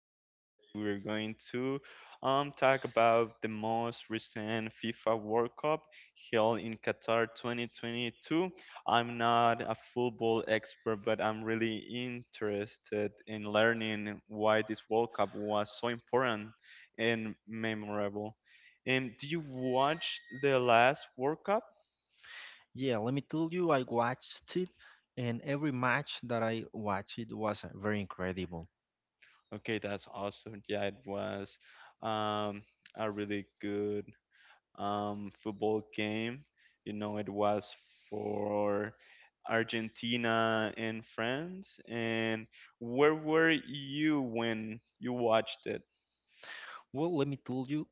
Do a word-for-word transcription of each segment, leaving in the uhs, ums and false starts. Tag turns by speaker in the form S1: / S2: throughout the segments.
S1: correct. And today we're going to um, talk about the most recent FIFA World Cup held in Qatar twenty twenty-two. I'm not a football expert, but I'm really interested in learning why this World Cup was so important and memorable. And do you watch the last World Cup?
S2: Yeah, let me tell you, I watched it, and every match that I watched it was uh, very incredible.
S1: Okay, that's awesome. Yeah, it was um, a really good um, football game. You know, it was for Argentina and France. And where were you when you watched it?
S2: Well, let me tell you,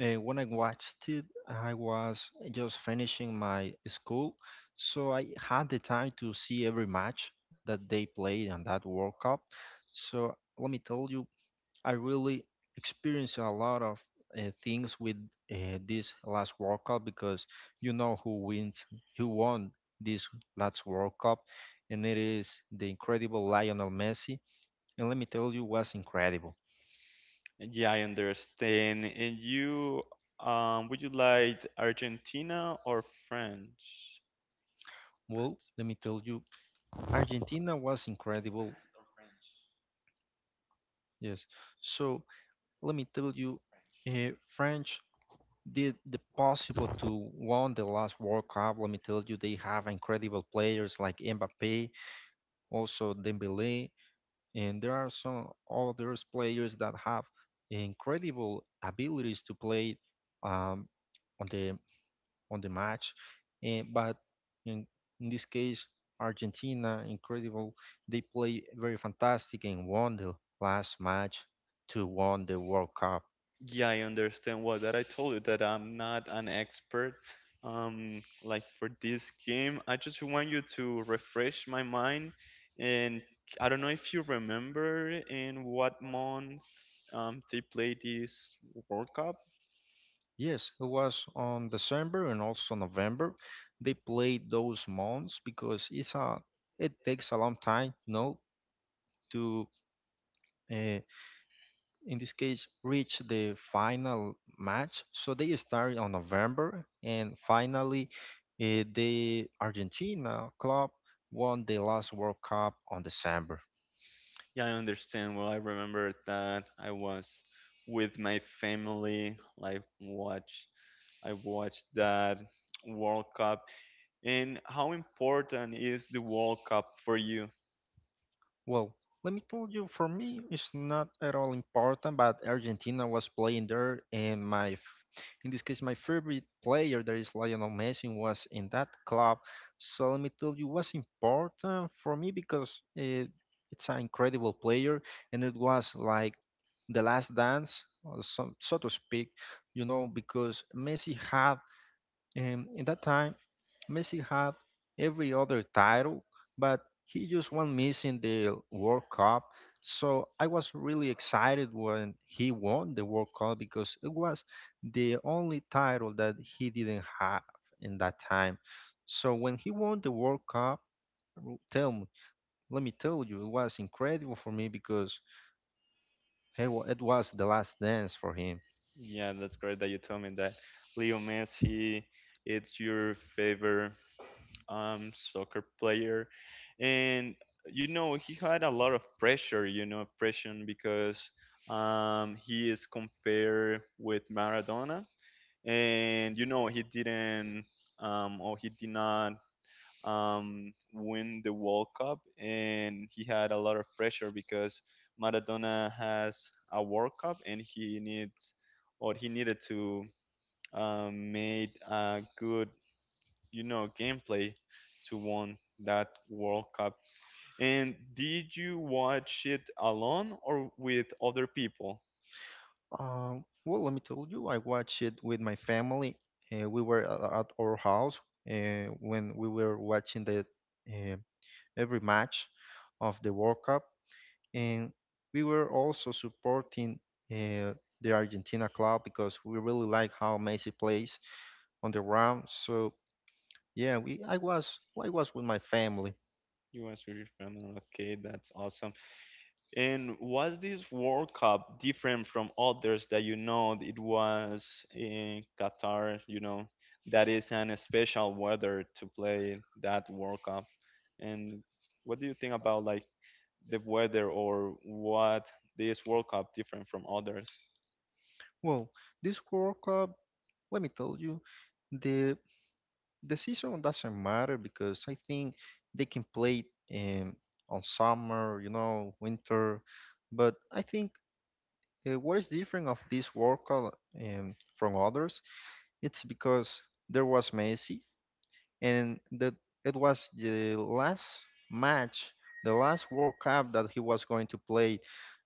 S2: uh, when I watched it, I was just finishing my school, so I had the time to see every match that they played on that World Cup. So let me tell you, I really experienced a lot of uh, things with uh, this last World Cup because you know who wins, who won this last World Cup, and it is the incredible Lionel Messi. And let me tell you, was incredible.
S1: Yeah, I understand. And you, um, would you like Argentina or French?
S2: Well, let me tell you, Argentina was incredible. Yes. So let me tell you, uh, French did the possible to won the last World Cup. Let me tell you, they have incredible players like Mbappe, also Dembele, and there are some other players that have incredible abilities to play um, on the on the match. And, but in, in this case, Argentina, incredible, they play very fantastic and won the last match to won the World Cup.
S1: Yeah, I understand what that I told you that I'm not an expert. Um, like for this game, I just want you to refresh my mind, and I don't know if you remember in what month um they played this World Cup.
S2: Yes, it was on December and also November. They played those months because it's a it takes a long time, you know, to uh, in this case, reach the final match. So they started on November, and finally, eh, the Argentina club won the last World Cup on December.
S1: Yeah, I understand. Well, I remember that I was with my family. Like, watch, I watched that World Cup. And how important is the World Cup for you?
S2: Well, let me tell you, for me, it's not at all important. But Argentina was playing there, and my, f- in this case, my favorite player, that is Lionel Messi, was in that club. So let me tell you, was important for me because it, it's an incredible player, and it was like the last dance, or some, so to speak, you know, because Messi had and in that time, Messi had every other title, but he just one missing the World Cup. So I was really excited when he won the World Cup because it was the only title that he didn't have in that time. So when he won the World Cup, r- tell me, let me tell you, it was incredible for me because he wa- it was the last dance for him.
S1: Yeah, that's great that you told me that. Leo Messi, it's your favorite um soccer player, and you know he had a lot of pressure. You know, pressure because um he is compared with Maradona, and you know he didn't um, or he did not um, win the World Cup, and he had a lot of pressure because Maradona has a World Cup, and he needs or he needed to um, made a good you know gameplay to win that World Cup. And did you watch it alone or with other people?
S2: Um, well, let me tell you, I watched it with my family. Uh, we were a- at our house uh, when we were watching the uh, every match of the World Cup, and we were also supporting uh, the Argentina club because we really like how Messi plays on the ground. So yeah, we I was I was with my family.
S1: You watched with your family. Okay, that's awesome. And was this World Cup different from others, that you know it was in Qatar, you know, that is an special weather to play that World Cup? And what do you think about, like, the weather, or what this World Cup different from others?
S2: Well, this World Cup, let me tell you, the the season doesn't matter because I think they can play it um, on summer, you know, winter. But I think uh, what is different of this World Cup um, from others, it's because there was Messi and that it was the last match, the last World Cup that he was going to play.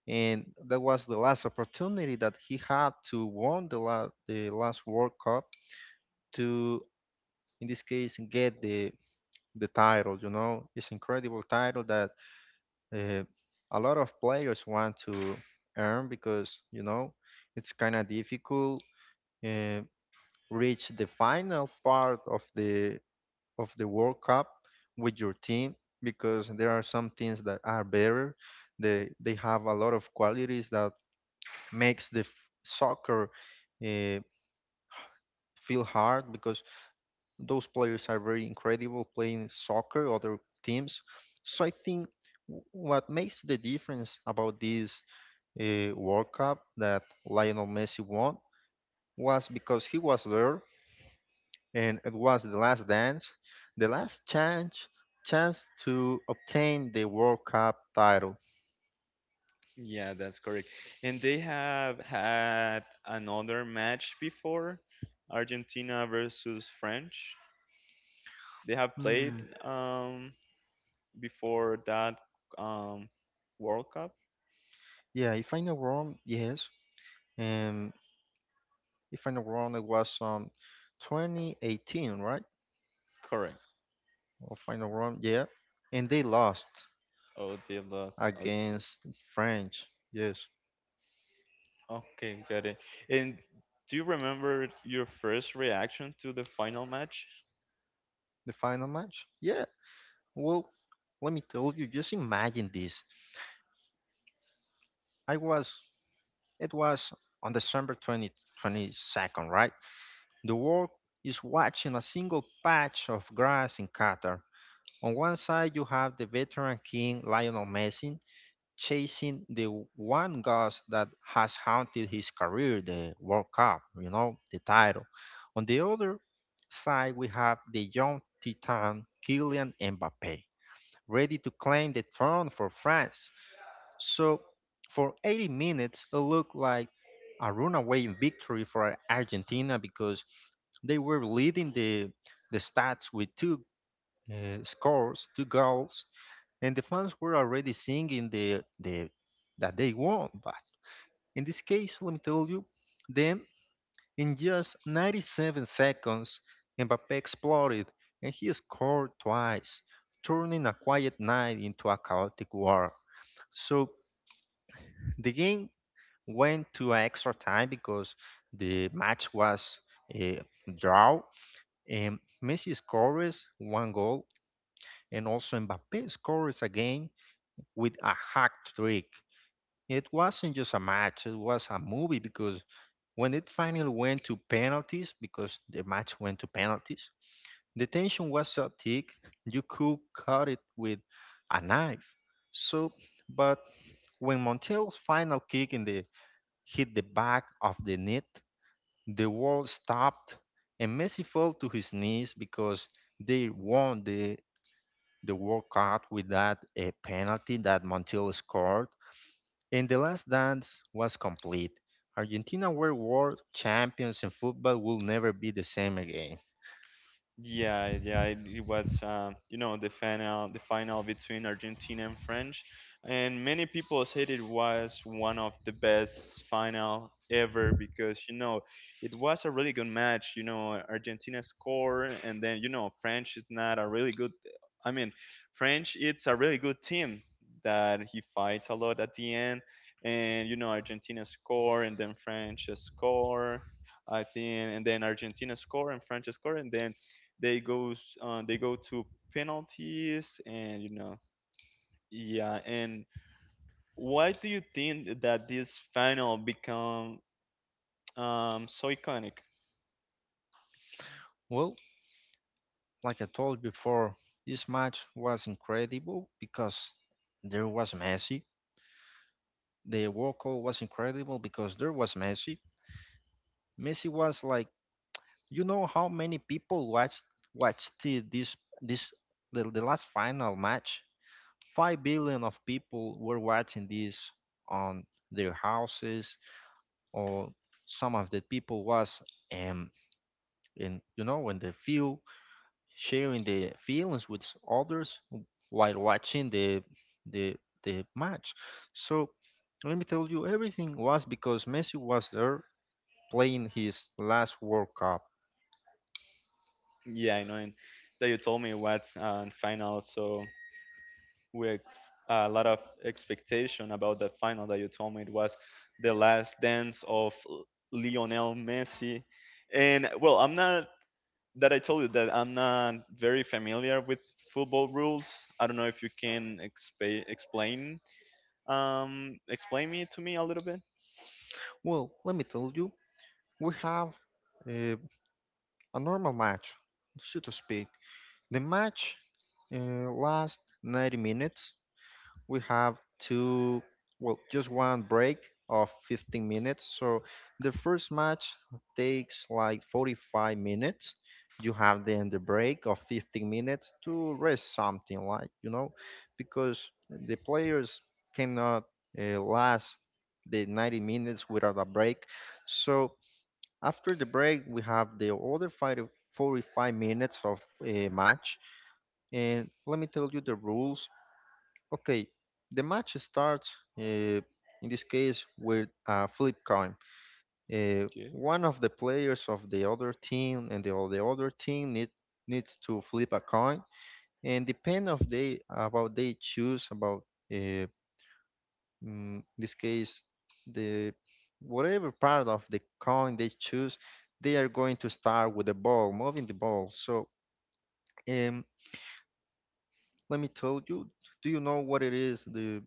S2: And that was the last opportunity that he had to won the, la- the last World Cup to, in this case, get the the title. You know, it's incredible title that uh, a lot of players want to earn because you know it's kind of difficult uh, reach the final part of the of the World Cup with your team because there are some teams that are better. They they have a lot of qualities that makes the f- soccer uh, feel hard because those players are very incredible playing soccer, other teams. So I think w- what makes the difference about this uh, World Cup that Lionel Messi won was because he was there and it was the last dance, the last chance chance to obtain the World Cup title.
S1: Yeah, that's correct. And they have had another match before, Argentina versus French. They have played.
S2: Hmm.
S1: Um, Before that um, World Cup?
S2: Yeah, if I'm not wrong, yes. Um, if I'm not wrong, it was um twenty eighteen, right?
S1: Correct.
S2: Or final round. Yeah, and they lost
S1: Oh, they lost. Okay.
S2: against French. Yes,
S1: Okay, got it. And do you remember your first reaction to the final match?
S2: the final match. Yeah. Well, let me tell you. Just imagine this. I was. It was on December twenty, twenty-second, right? The world is watching a single patch of grass in Qatar. On one side, you have the veteran king Lionel Messi, chasing the one ghost that has haunted his career, the World Cup, you know, the title. On the other side, we have the young titan Kylian Mbappe, ready to claim the throne for France. So, for eighty minutes, it looked like a runaway victory for Argentina because they were leading the the stats with two uh, scores, two goals, and the fans were already singing the the that they won. But in this case, let me tell you, then in just ninety-seven seconds, Mbappe exploded and he scored twice, turning a quiet night into a chaotic war. So the game went to extra time because the match was a draw, and Messi scores one goal, and also Mbappe scores again with a hack trick. It wasn't just a match, it was a movie because when it finally went to penalties, because the match went to penalties, the tension was so thick you could cut it with a knife. So, but when Montiel's final kick in the hit the back of the net, the world stopped, and Messi fell to his knees because they won the the World Cup with that a penalty that Montiel scored. And the last dance was complete. Argentina were world champions and football will never be the same again.
S1: Yeah, yeah, it, it was um, you know the final the final between Argentina and French, and many people said it was one of the best final ever because you know it was a really good match. You know, Argentina scored, and then you know French is not a really good. I mean, French it's a really good team that he fights a lot at the end, and you know Argentina score, and then French score. I think, and then Argentina score and French score, and then they goes uh, they go to penalties. And you know yeah. And why do you think that this final become um so iconic?
S2: Well, like I told before, this match was incredible because there was Messi. The World Cup was incredible because there was Messi. Messi was like, you know how many people watched watched the- this this the, the last final match? Five billion of people were watching this on their houses or some of the people was um in you know when they feel sharing the feelings with others while watching the the the match. So let me tell you, everything was because Messi was there playing his last World Cup.
S1: Yeah, I know. And that you told me what's uh, final, so we ex- a lot of expectation about the final, that you told me it was the last dance of L- Lionel Messi. And well, I'm not that I told you that I'm not very familiar with football rules. I don't know if you can expa- explain um explain it to me a little bit.
S2: Well, let me tell you, we have uh, a normal match, so to speak. The match uh, lasts ninety minutes, we have two, well, just one break of fifteen minutes. So the first match takes like forty-five minutes. You have then the break of fifteen minutes to rest something like, you know, because the players cannot uh, last the ninety minutes without a break. So after the break, we have the other fight forty-five minutes of a match. And let me tell you the rules Okay, the match starts uh, in this case with a flip coin. Uh,
S1: Okay.
S2: one of the players of the other team and the, of the other team need, needs to flip a coin, and depend of they about they choose about uh, mm, this case the whatever part of the coin they choose, they are going to start with the ball, moving the ball. So um, let me tell you, do you know what it is the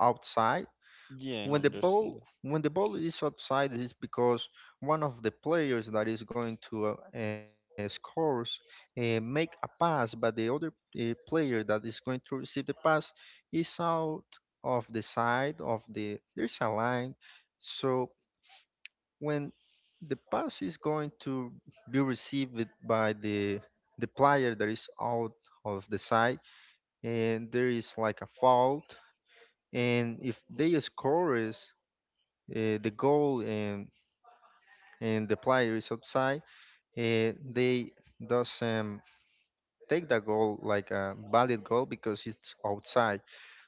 S2: outside?
S1: Yeah, I
S2: when the
S1: understand
S2: ball
S1: that.
S2: when the ball is outside it's because one of the players that is going to uh, uh, scores uh, make a pass but the other uh, player that is going to receive the pass is out of the side of the there's a line so when the pass is going to be received by the the player that is out of the side and there is like a fault and if they scores uh, the goal and and the player is outside, uh, they doesn't take the goal like a valid goal because it's outside.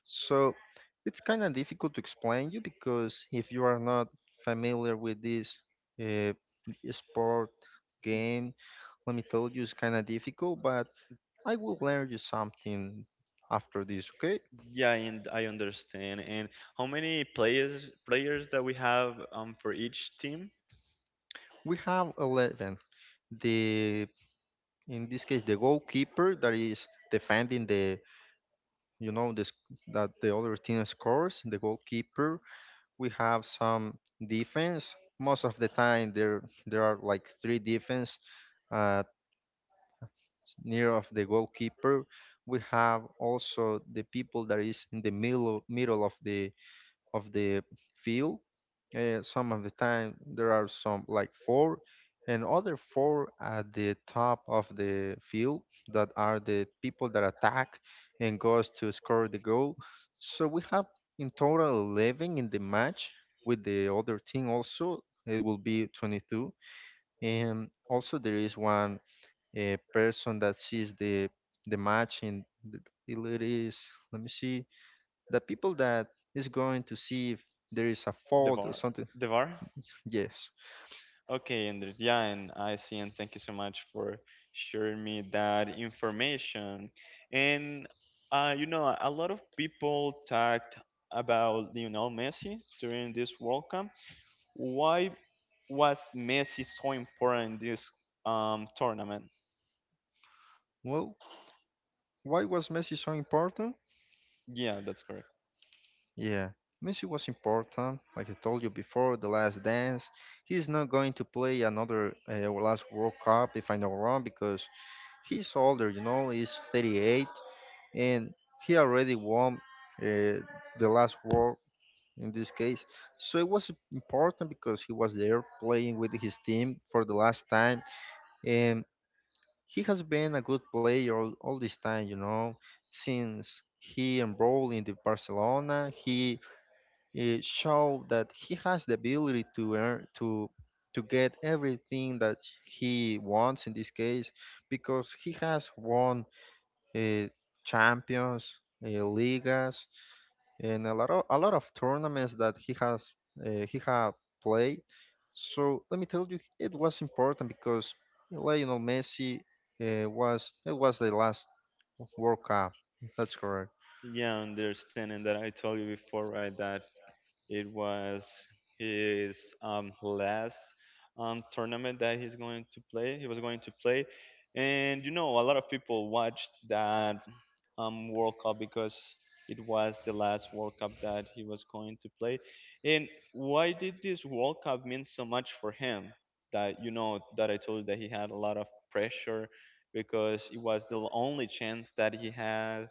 S2: So it's kind of difficult to explain you because if you are not familiar with this uh, sport game, let me tell you, it's kind of difficult. But I will learn you something after this. Okay,
S1: Yeah, and I understand. And how many players players that we have um for each team?
S2: we have eleven. The In this case the goalkeeper that is defending the you know this that the other team scores the goalkeeper we have some defense most of the time there there are like three defense uh, near of the goalkeeper we have also the people that is in the middle middle of the of the field. Uh, some of the time there are some like four, and other four at the top of the field that are the people that attack and goes to score the goal. So we have in total eleven in the match with the other team also. It will be twenty-two, and also there is one uh, person that sees the the match in the, it is. Let me see the people that is going to see if there is a
S1: The
S2: fault or
S1: var,
S2: something.
S1: the var.
S2: Yes.
S1: Okay, Andrew. Yeah, and I see, and thank you so much for sharing me that information. And uh, you know, a lot of people talked about Lionel Messi during this World Cup. Why was Messi so important in this um, tournament?
S2: Well, why was Messi so important?
S1: Yeah, that's correct.
S2: Yeah. Messi was important, like I told you before, the last dance. He's not going to play another uh, last World Cup, if I know wrong, because he's older, you know, he's thirty-eight, and he already won uh, the last World in this case. So it was important because he was there playing with his team for the last time. And he has been a good player all, all this time, you know. Since he enrolled in the Barcelona, he uh, showed that he has the ability to earn, to to get everything that he wants in this case, because he has won uh, champions, uh, ligas, and a lot of a lot of tournaments that he has uh, he had played. So let me tell you, it was important because Lionel Messi uh, was it was the last World Cup. That's correct.
S1: Yeah, understanding that I told you before, right? That it was his um, last um, tournament that he's going to play. He was going to play, and you know, a lot of people watched that um, World Cup because it was the last World Cup that he was going to play. And why did this World Cup mean so much for him? That you know that I told you that he had a lot of pressure because it was the only chance that he had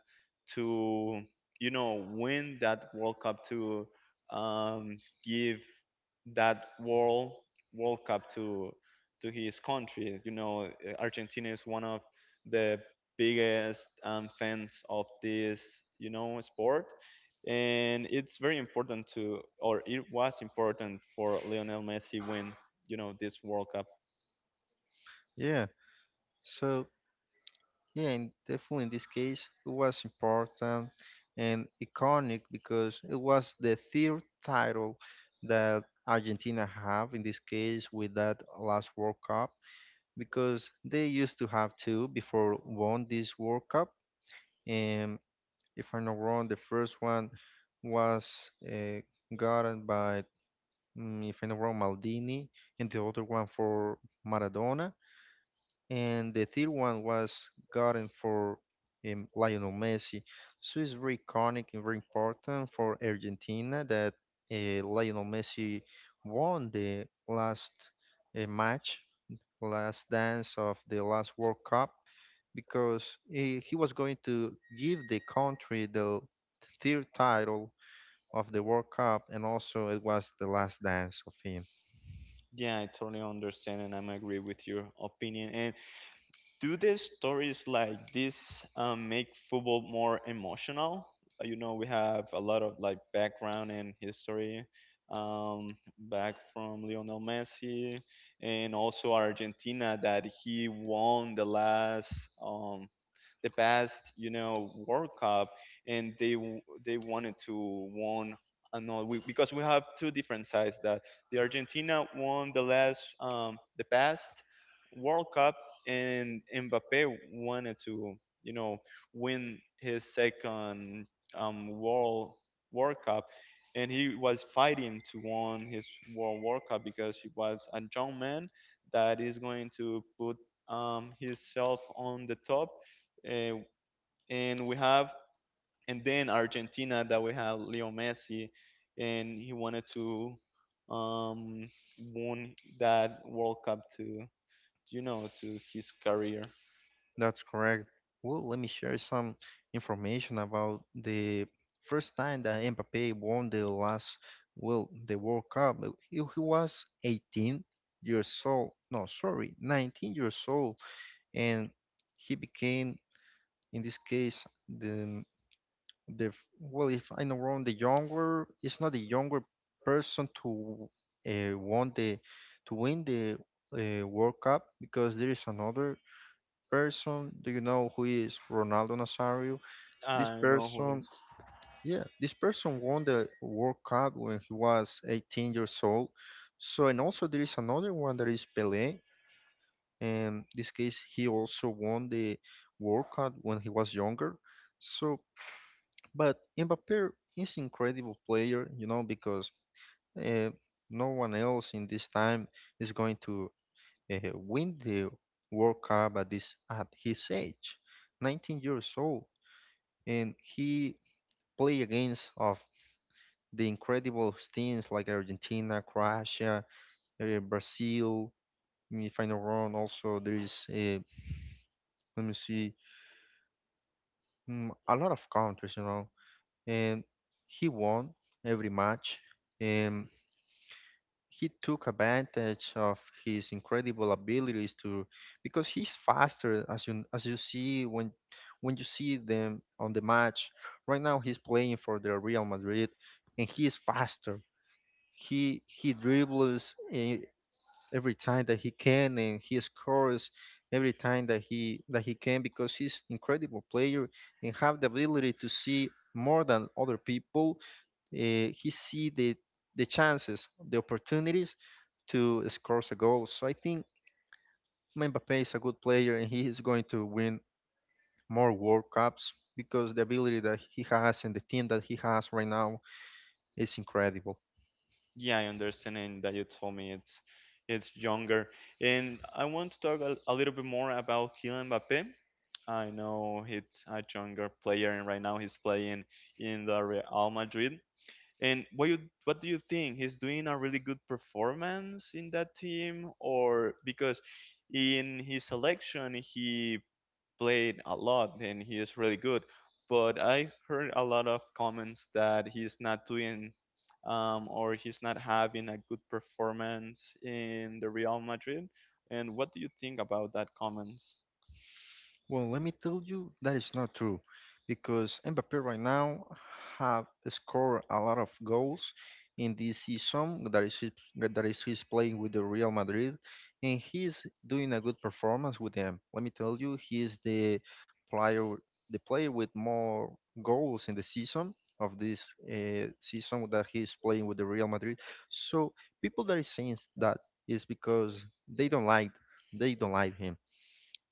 S1: to you know win that World Cup, to um, give that World World Cup to to his country. You know, uh, Argentina is one of the biggest um, fans of this, you know, sport, and it's very important to, or it was important for Lionel Messi win, you know, this World Cup.
S2: Yeah. So yeah, and definitely in this case, it was important and iconic because it was the third title that Argentina have in this case with that last World Cup, because they used to have two before won this World Cup. And if I'm not wrong, the first one was uh, gotten by, mm, if I'm not wrong, Maldini, and the other one for Maradona, and the third one was gotten for um, Lionel Messi. So it's very iconic and very important for Argentina that uh, Lionel Messi won the last uh, match, last dance of the last World Cup, because he, he was going to give the country the third title of the World Cup, and also it was the last dance of him.
S1: Yeah, I totally understand, and I'm agree with your opinion. And do the stories like this um, make football more emotional? Uh, You know, we have a lot of, like, background and history um, back from Lionel Messi, and also Argentina that he won the last um, the past you know World Cup, and they w- they wanted to won another we, because we have two different sides, that the Argentina won the last um, the past World Cup, and Mbappe wanted to, you know, win his second um, World World Cup, and he was fighting to win his World World Cup because he was a young man that is going to put um, himself on the top. uh, and we have, and then Argentina, that we have Leo Messi, and he wanted to um, won that World Cup to you know to his career.
S2: That's correct. Well, let me share some information about the first time that Mbappe won the last, well, the World Cup. Uh, He, he was eighteen years old. No, sorry, nineteen years old, and he became, in this case, the the f- well, if i know wrong the younger, it's not the younger person to uh, want the to win the uh, World Cup, because there is another person. Do you know who is Ronaldo Nazario? This
S1: I know who it
S2: person,
S1: is.
S2: yeah, this person won the World Cup when he was eighteen years old. So, and also there is another one that is Pele, and this case he also won the World Cup when he was younger. So but Mbappé is incredible player, you know, because uh, no one else in this time is going to uh, win the World Cup at this at his age, nineteen years old, and he play against of the incredible teams like Argentina, Croatia, uh, Brazil. mm, If I'm not wrong, also there is uh, let me see mm, a lot of countries, you know, and he won every match. And he took advantage of his incredible abilities to, because he's faster, as you as you see, when when you see them on the match. Right now he's playing for the Real Madrid and he is faster. He he dribbles eh, every time that he can, and he scores every time that he that he can, because he's incredible player and have the ability to see more than other people. Uh, he see the the chances, the opportunities to score a goal. So I think Mbappe is a good player and he is going to win more World Cups because the ability that he has and the team that he has right now is incredible.
S1: Yeah, I understand, and that you told me it's it's younger. And I want to talk a, a little bit more about Kylian Mbappé. I know he's a younger player, and right now he's playing in the Real Madrid. And what you what do you think? He's doing a really good performance in that team. Or because in his selection he played a lot and he is really good. But I've heard a lot of comments that he's not doing um, or he's not having a good performance in the Real Madrid. And what do you think about that comments?
S2: Well, let me tell you that is not true, because Mbappé right now have scored a lot of goals in this season that is his, that is he's playing with the Real Madrid, and he's doing a good performance with them. Let me tell you, he is the player the player with more goals in the season of this uh, season that he's playing with the Real Madrid. So people that is saying that is because they don't like they don't like him,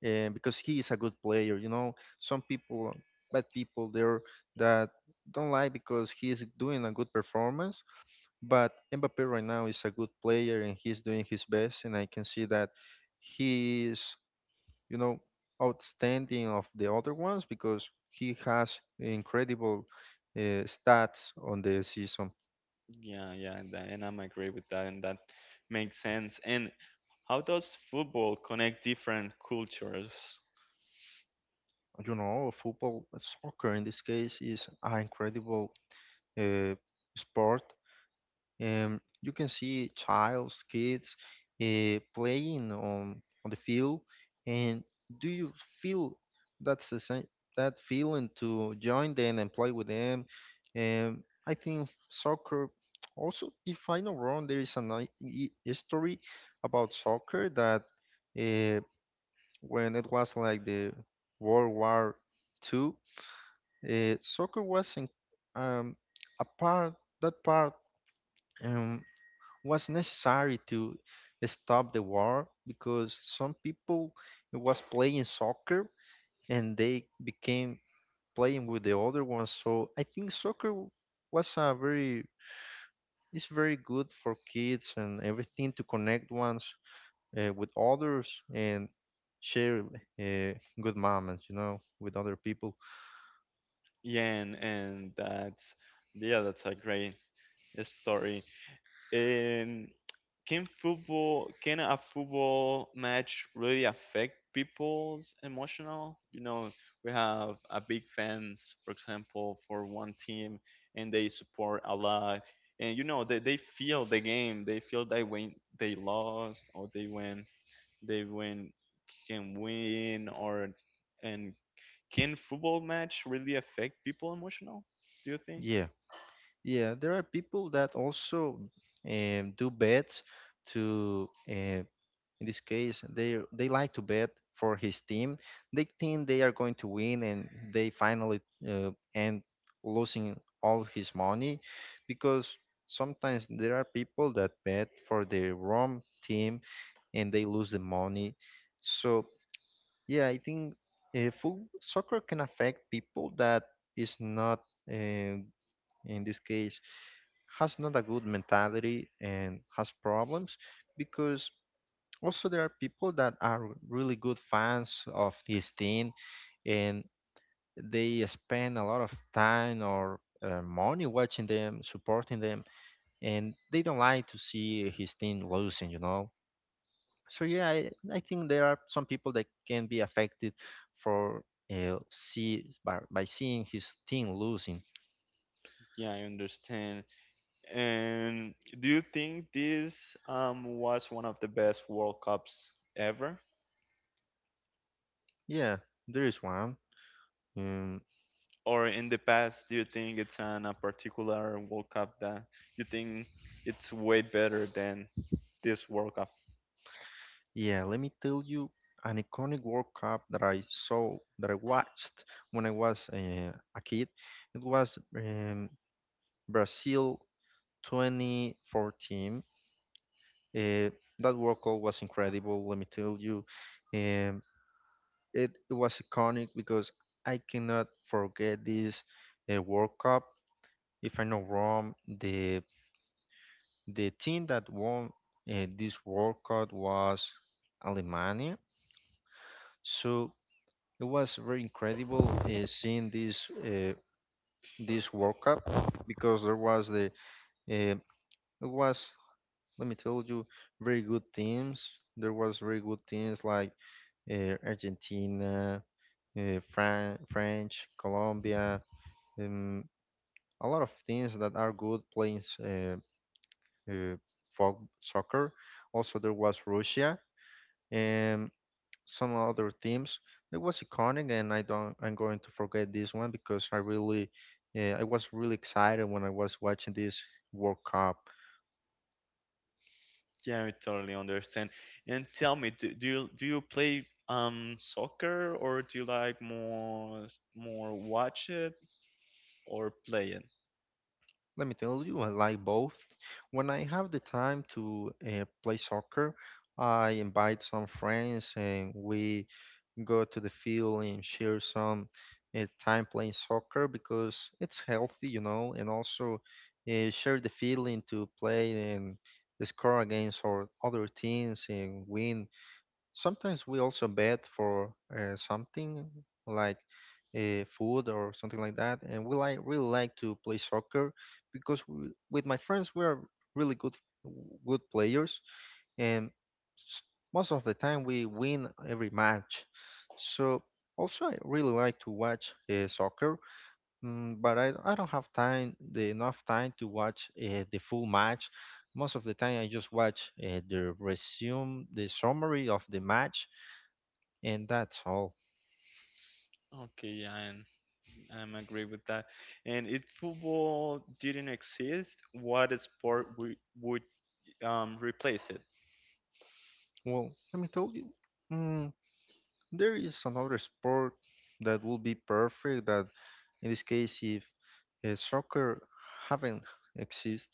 S2: and because he is a good player. You know, some people, bad people there, that don't like because he is doing a good performance. But Mbappe right now is a good player and he's doing his best, and I can see that he is, you know, outstanding of the other ones because he has incredible uh, stats on the season.
S1: Yeah, yeah, and, and I'm agree with that, and that makes sense. And how does football connect different cultures?
S2: You know, football, soccer in this case is an incredible uh, sport. Um, you can see childs, kids uh, playing on on the field, and do you feel that's the same that feeling to join them and play with them? Um, I think soccer. Also, if I know wrong, there is a ni- i- history about soccer that uh, when it was like the World War Two, uh, soccer was in, um, a part that part. Um, was necessary to stop the war because some people was playing soccer and they became playing with the other ones. So I think soccer w- was a very, it's very good for kids and everything, to connect ones uh, with others and share uh, good moments, you know, with other people.
S1: Yeah, and, and that's, yeah, that's a great story. Um, can football can a football match really affect people's emotional? You know, we have a big fans, for example, for one team, and they support a lot, and you know they, they feel the game. They feel that when they lost or they win, they win can win, or and can football match really affect people emotional? Do you think?
S2: Yeah, yeah. There are people that also um, do bets to. Um, in this case, they they like to bet for his team. They think they are going to win, and they finally uh, end losing all his money, because sometimes there are people that bet for the wrong team and they lose the money. So yeah, I think uh, foot soccer can affect people that is not uh, in this case, has not a good mentality and has problems, because also there are people that are really good fans of this team, and they spend a lot of time or uh, money watching them, supporting them, and they don't like to see his team losing, you know. So yeah i, I think there are some people that can be affected for uh, see by, by seeing his team losing.
S1: Yeah, I understand. And do you think this um, was one of the best World Cups ever?
S2: Yeah, there is one. Um,
S1: Or in the past, do you think it's an, a particular World Cup that you think it's way better than this World Cup?
S2: Yeah, let me tell you an iconic World Cup that I saw, that I watched when I was uh, a kid. It was um, Brazil twenty fourteen. Uh, that World Cup was incredible, let me tell you. Um, it, it was iconic because I cannot forget this uh, World Cup. If I'm not wrong, the, the team that won uh, this World Cup was Alemania. So it was very incredible uh, seeing this uh, this World Cup, because there was the uh, it was, let me tell you, very good teams. There was very good teams like uh, Argentina, uh, Fran- French, Colombia, um, a lot of teams that are good playing uh, uh, fo- soccer. Also, there was Russia and some other themes. It was iconic, and I don't, I'm going to forget this one, because I really, uh, I was really excited when I was watching this World Cup.
S1: Yeah, I totally understand. And tell me, do, do you do you play um soccer, or do you like more more watch it or play it?
S2: Let me tell you, I like both. When I have the time to uh, play soccer, I invite some friends, and we go to the field and share some uh, time playing soccer, because it's healthy, you know, and also uh, share the feeling to play and score against our other teams and win. Sometimes we also bet for uh, something like uh, food or something like that, and we like really like to play soccer because we, with my friends, we are really good good players, and s- most of the time we win every match. So also I really like to watch uh, soccer, mm, but I, I don't have time the enough time to watch uh, the full match. Most of the time I just watch uh, the resume, the summary of the match, and that's all.
S1: Okay, yeah, and I'm agree with that. And if football didn't exist, what sport would would um, replace it?
S2: Well, let me tell you, mm, there is another sport that will be perfect. That in this case, if uh, soccer haven't exist.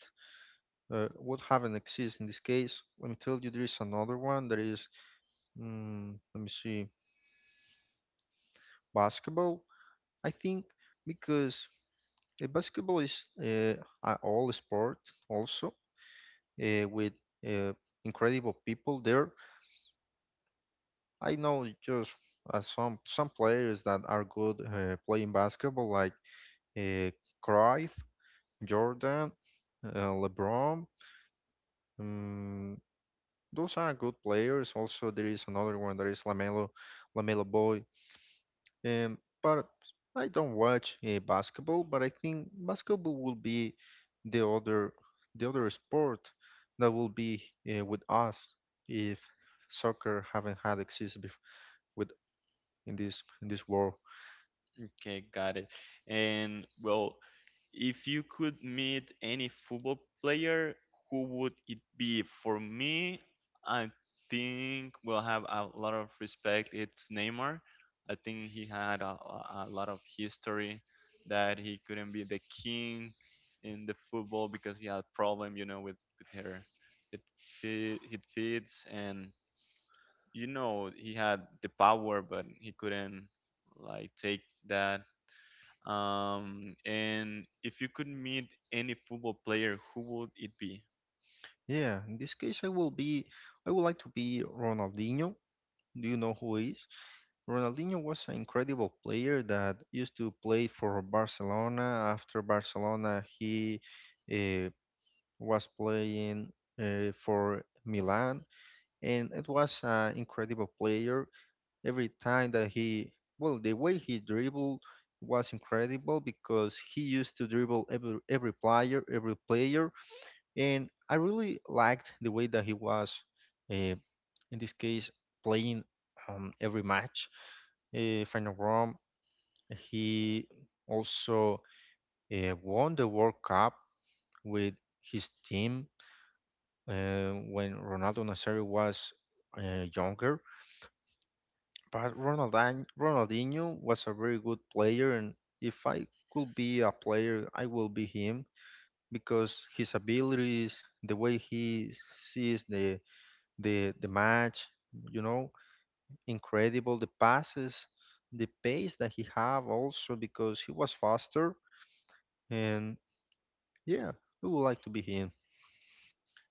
S2: Uh, what haven't exists in this case? Let me tell you, there is another one that is, mm, let me see, basketball. I think because uh, basketball is uh, a all sport, also uh, with uh, incredible people there. I know just uh, some some players that are good uh, playing basketball, like uh, Cruyff, Jordan, uh, LeBron. Um, those are good players. Also, there is another one that is Lamelo, Lamelo Boy. Um, but I don't watch uh, basketball, but I think basketball will be the other the other sport that will be uh, with us if soccer haven't had existed bef- with in this in this world.
S1: Okay, got it. And, well, if you could meet any football player, who would it be? For me, I think we'll have a lot of respect. It's Neymar. I think he had a, a a lot of history, that he couldn't be the king in the football because he had problem, you know, with with her, it fit it fits, and you know he had the power, but he couldn't, like, take that. Um, and if you could meet any football player, who would it be?
S2: Yeah, in this case, I will be I would like to be Ronaldinho. Do you know who he is? Ronaldinho was an incredible player that used to play for Barcelona. After Barcelona, he uh, was playing uh, for Milan, and it was an incredible player. Every time that he, well, the way he dribbled was incredible, because he used to dribble every every player, every player, and I really liked the way that he was, uh, in this case, playing um, every match. If I'm, he also uh, won the World Cup with his team uh, when Ronaldo Nazario was uh, younger. But Ronaldinho, Ronaldinho was a very good player, and if I could be a player, I will be him because his abilities, the way he sees the the the match, you know, incredible. The passes, the pace that he have also because he was faster and yeah, we would like to be here.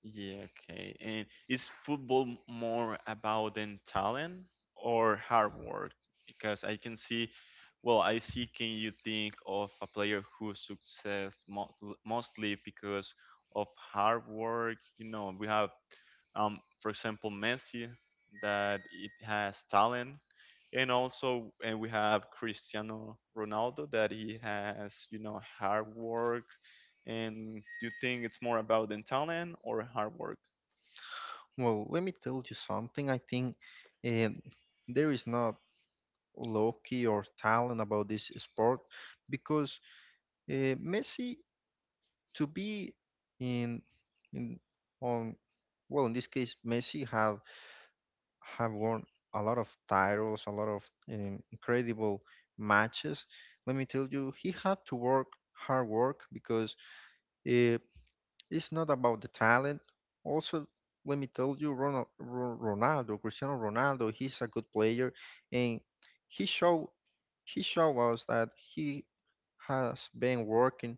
S1: Yeah, okay. And is football m- more about than talent or hard work? Because I can see, well, I see, can you think of a player who success mo- mostly because of hard work? You know, we have um, for example, Messi, that it has talent, and also and we have Cristiano Ronaldo that he has you know hard work. And do you think it's more about the talent or hard work?
S2: Well, let me tell you something. I think uh, there is not lucky or talent about this sport because uh, Messi to be in in on well, in this case, Messi have have won a lot of titles, a lot of um, incredible matches. Let me tell you, he had to work hard work because uh, it's not about the talent. Also, let me tell you, Ronald, Ronaldo, Cristiano Ronaldo, he's a good player, and he showed he showed us that he has been working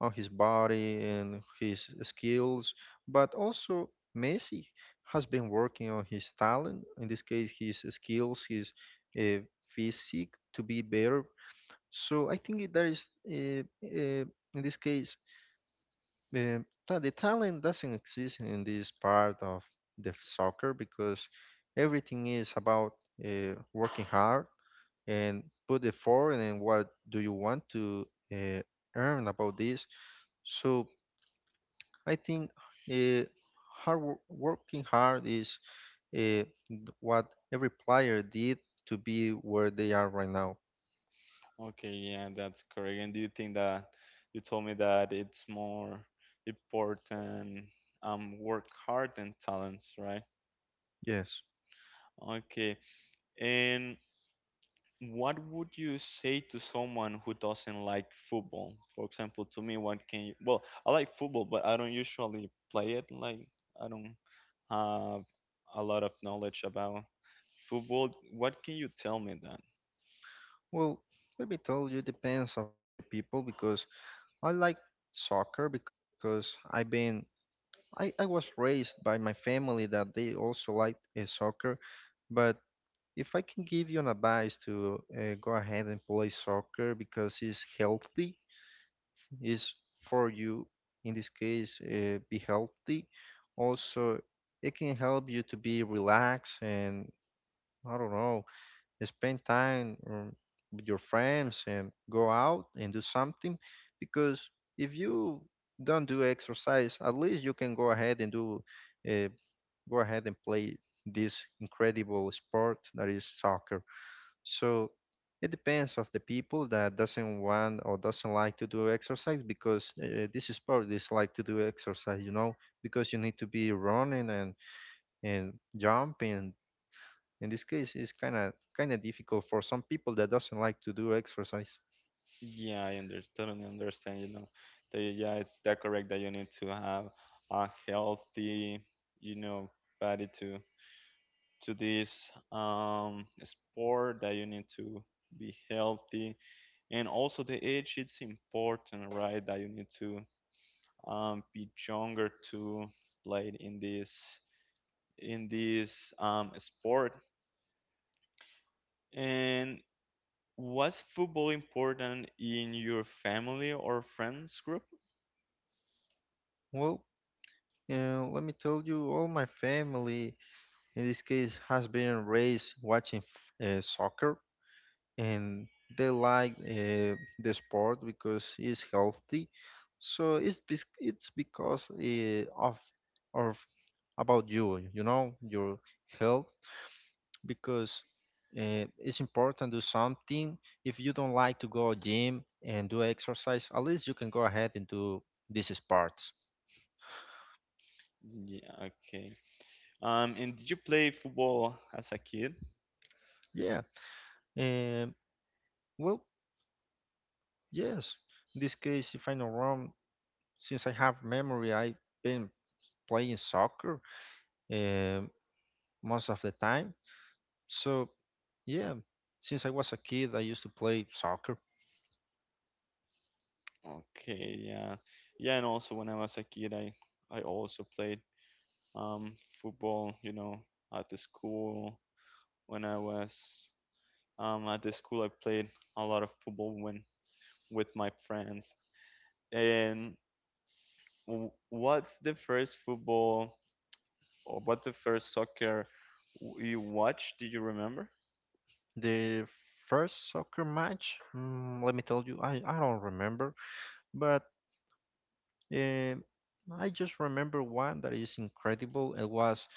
S2: on his body and his skills, but also Messi has been working on his talent. In this case, his skills, his uh, physique to be better. So I think that is uh, uh, in this case, um, ta- the talent doesn't exist in this part of the soccer because everything is about uh, working hard and put effort and what do you want to uh, earn about this. So I think uh, hard wo- working hard is uh, what every player did to be where they are right now.
S1: Okay, yeah, that's correct. And do you think that you told me that it's more important um work hard than talents, right?
S2: Yes.
S1: Okay. And what would you say to someone who doesn't like football? For example, to me, what can you? Well, I like football, but I don't usually play it. Like, I don't have a lot of knowledge about football. What can you tell me then?
S2: Well, let me tell you, depends of the people because I like soccer because I've been I, I was raised by my family that they also liked uh, soccer, but if I can give you an advice to uh, go ahead and play soccer because it's healthy, it's for you, in this case, uh, be healthy. Also, it can help you to be relaxed and I don't know, spend time um, with your friends and go out and do something because if you don't do exercise, at least you can go ahead and do uh, go ahead and play this incredible sport that is soccer. So it depends of the people that doesn't want or doesn't like to do exercise because uh, this sport is like to do exercise, you know, because you need to be running and and jumping. In this case, it's kind of kind of difficult for some people that doesn't like to do exercise.
S1: Yeah, I under totally understand, you know, that, yeah, it's that correct that you need to have a healthy, you know, body, to to this um sport, that you need to be healthy, and also the age it's important, right, that you need to um, be younger to play in this in this um, sport. And was football important in your family or friends group?
S2: Well, uh, let me tell you, all my family, in this case, has been raised watching f- uh, soccer and they like uh, the sport because it's healthy. So it's bes- it's because uh, of of about you you know, your health, because uh, it's important to do something. If you don't like to go gym and do exercise, at least you can go ahead and do these sports.
S1: Yeah, okay. Um and did you play football as a kid?
S2: Yeah. Um, well, yes. In this case, if I'm not wrong, since I have memory, I've been playing soccer um, most of the time. So, yeah, since I was a kid, I used to play soccer.
S1: Okay. Yeah, yeah. And also when I was a kid, i i also played um football, you know at the school. When I was Um, at the school, I played a lot of football when with my friends. And w- what's the first football or what's the first soccer w- you watched? Do you remember?
S2: The first soccer match, mm, let me tell you, I, I don't remember, but Um, I just remember one that is incredible. It was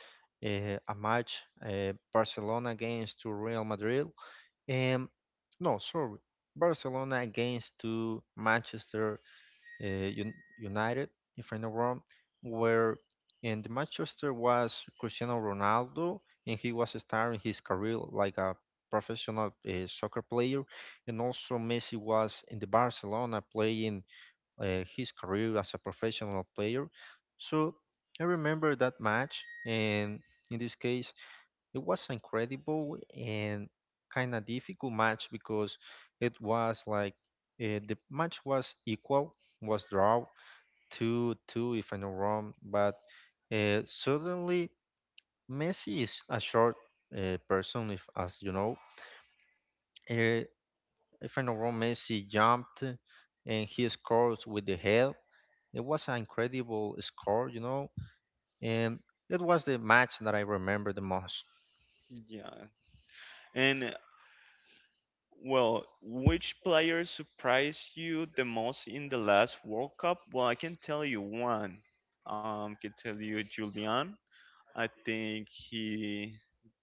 S2: uh, a match, uh, Barcelona against to Real Madrid. Um, no, sorry, Barcelona against to Manchester uh, Un- United, if I'm not wrong, where in the Manchester was Cristiano Ronaldo, and he was starting his career like a professional uh, soccer player, and also Messi was in the Barcelona playing uh, his career as a professional player. So I remember that match, and in this case, it was incredible and kind of difficult match because it was like uh, the match was equal, was draw two two, if I'm not wrong, but uh, suddenly Messi is a short uh, person, if as you know. Uh, if I'm not wrong, Messi jumped and he scores with the head. It was an incredible score, you know, and it was the match that I remember the most.
S1: Yeah. And uh, well, which player surprised you the most in the last World Cup? Well, I can tell you one. Um, I can tell you Julian. I think he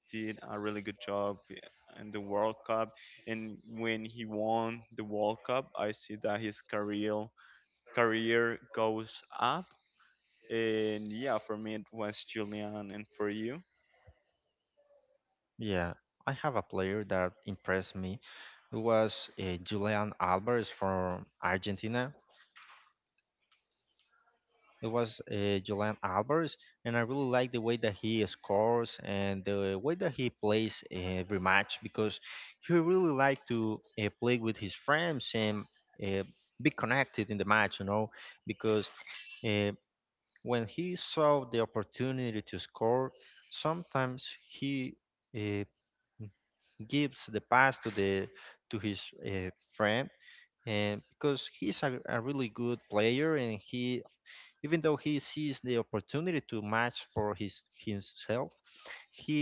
S1: did a really good job in the World Cup. And when he won the World Cup, I see that his career career goes up. And yeah, for me it was Julian, and for you.
S2: Yeah, I have a player that impressed me. It was uh, Julian Alvarez from Argentina. It was uh, Julian Alvarez, and I really like the way that he scores and the way that he plays every match because he really like to uh, play with his friends and uh, be connected in the match, you know, because uh, when he saw the opportunity to score, sometimes he uh, gives the pass to the to his uh, friend, and because he's a, a really good player, and he, even though he sees the opportunity to match for his himself, he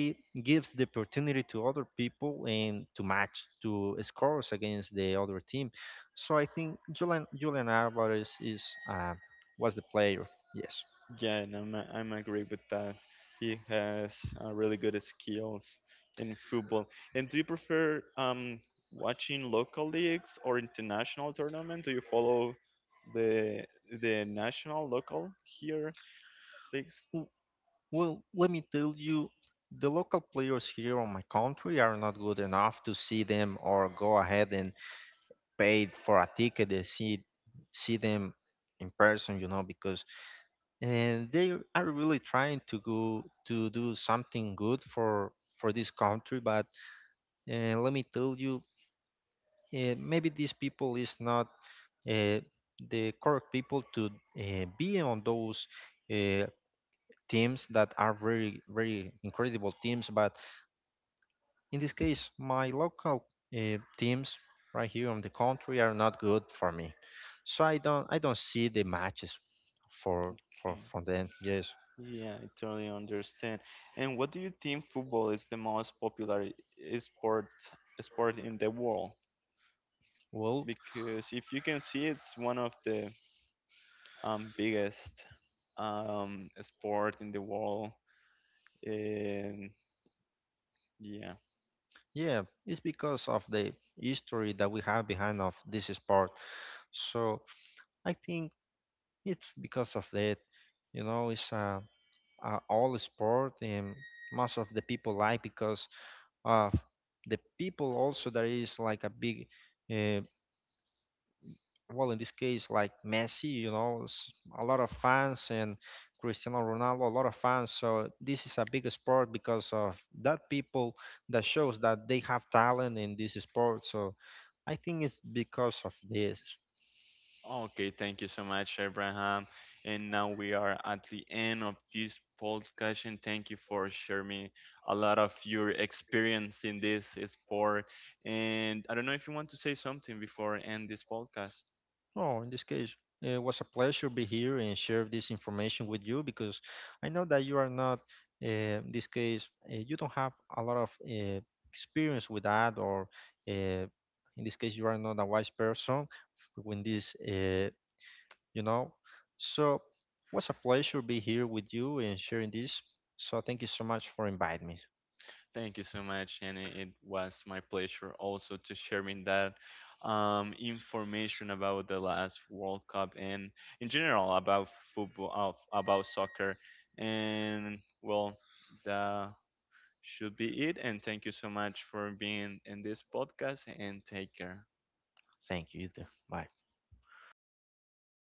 S2: gives the opportunity to other people and to match to scores against the other team. So I think Julian Julian Alvarez is uh, was the player. Yes.
S1: Yeah, and I'm I'm agree with that. He has uh, really good skills in football. And do you prefer um, watching local leagues or international tournament? Do you follow the the national local here leagues?
S2: Well, let me tell you, the local players here on my country are not good enough to see them or go ahead and pay for a ticket to see see them in person, you know, because and they are really trying to go to do something good for for this country. But uh, let me tell you, uh, maybe these people is not uh, the correct people to uh, be on those uh, teams that are very very incredible teams, but in this case, my local uh, teams right here in the country are not good for me. So I don't I don't see the matches for for
S1: Okay.
S2: from them. Yes.
S1: Yeah, I totally understand. And what do you think football is the most popular i- sport sport in the world?
S2: Well,
S1: Because if you can see, it's one of the um, biggest um, sport in the world. And yeah.
S2: yeah, it's because of the history that we have behind of this sport. So I think it's because of that. You know, it's a, a all sport and most of the people like because of the people also there is like a big uh, well, in this case, like Messi, you know, s- a lot of fans, and Cristiano Ronaldo, a lot of fans. So this is a big sport because of that people that shows that they have talent in this sport. So I think it's because of this.
S1: Okay, thank you so much, Abraham. And now we are at the end of this podcast, and thank you for sharing me a lot of your experience in this sport. And I don't know if you want to say something before I end this podcast.
S2: Oh, in this case, it was a pleasure be here and share this information with you because I know that you are not, uh, in this case, uh, you don't have a lot of uh, experience with that, or uh, in this case, you are not a wise person when this, uh, you know. So, was a pleasure be here with you and sharing this. So, thank you so much for inviting me.
S1: Thank you so much, and it it was my pleasure also to sharing that um, information about the last World Cup, and in general about football, of, about soccer. And, well, that should be it. And thank you so much for being in this podcast. And take care.
S2: Thank you. You too. Bye.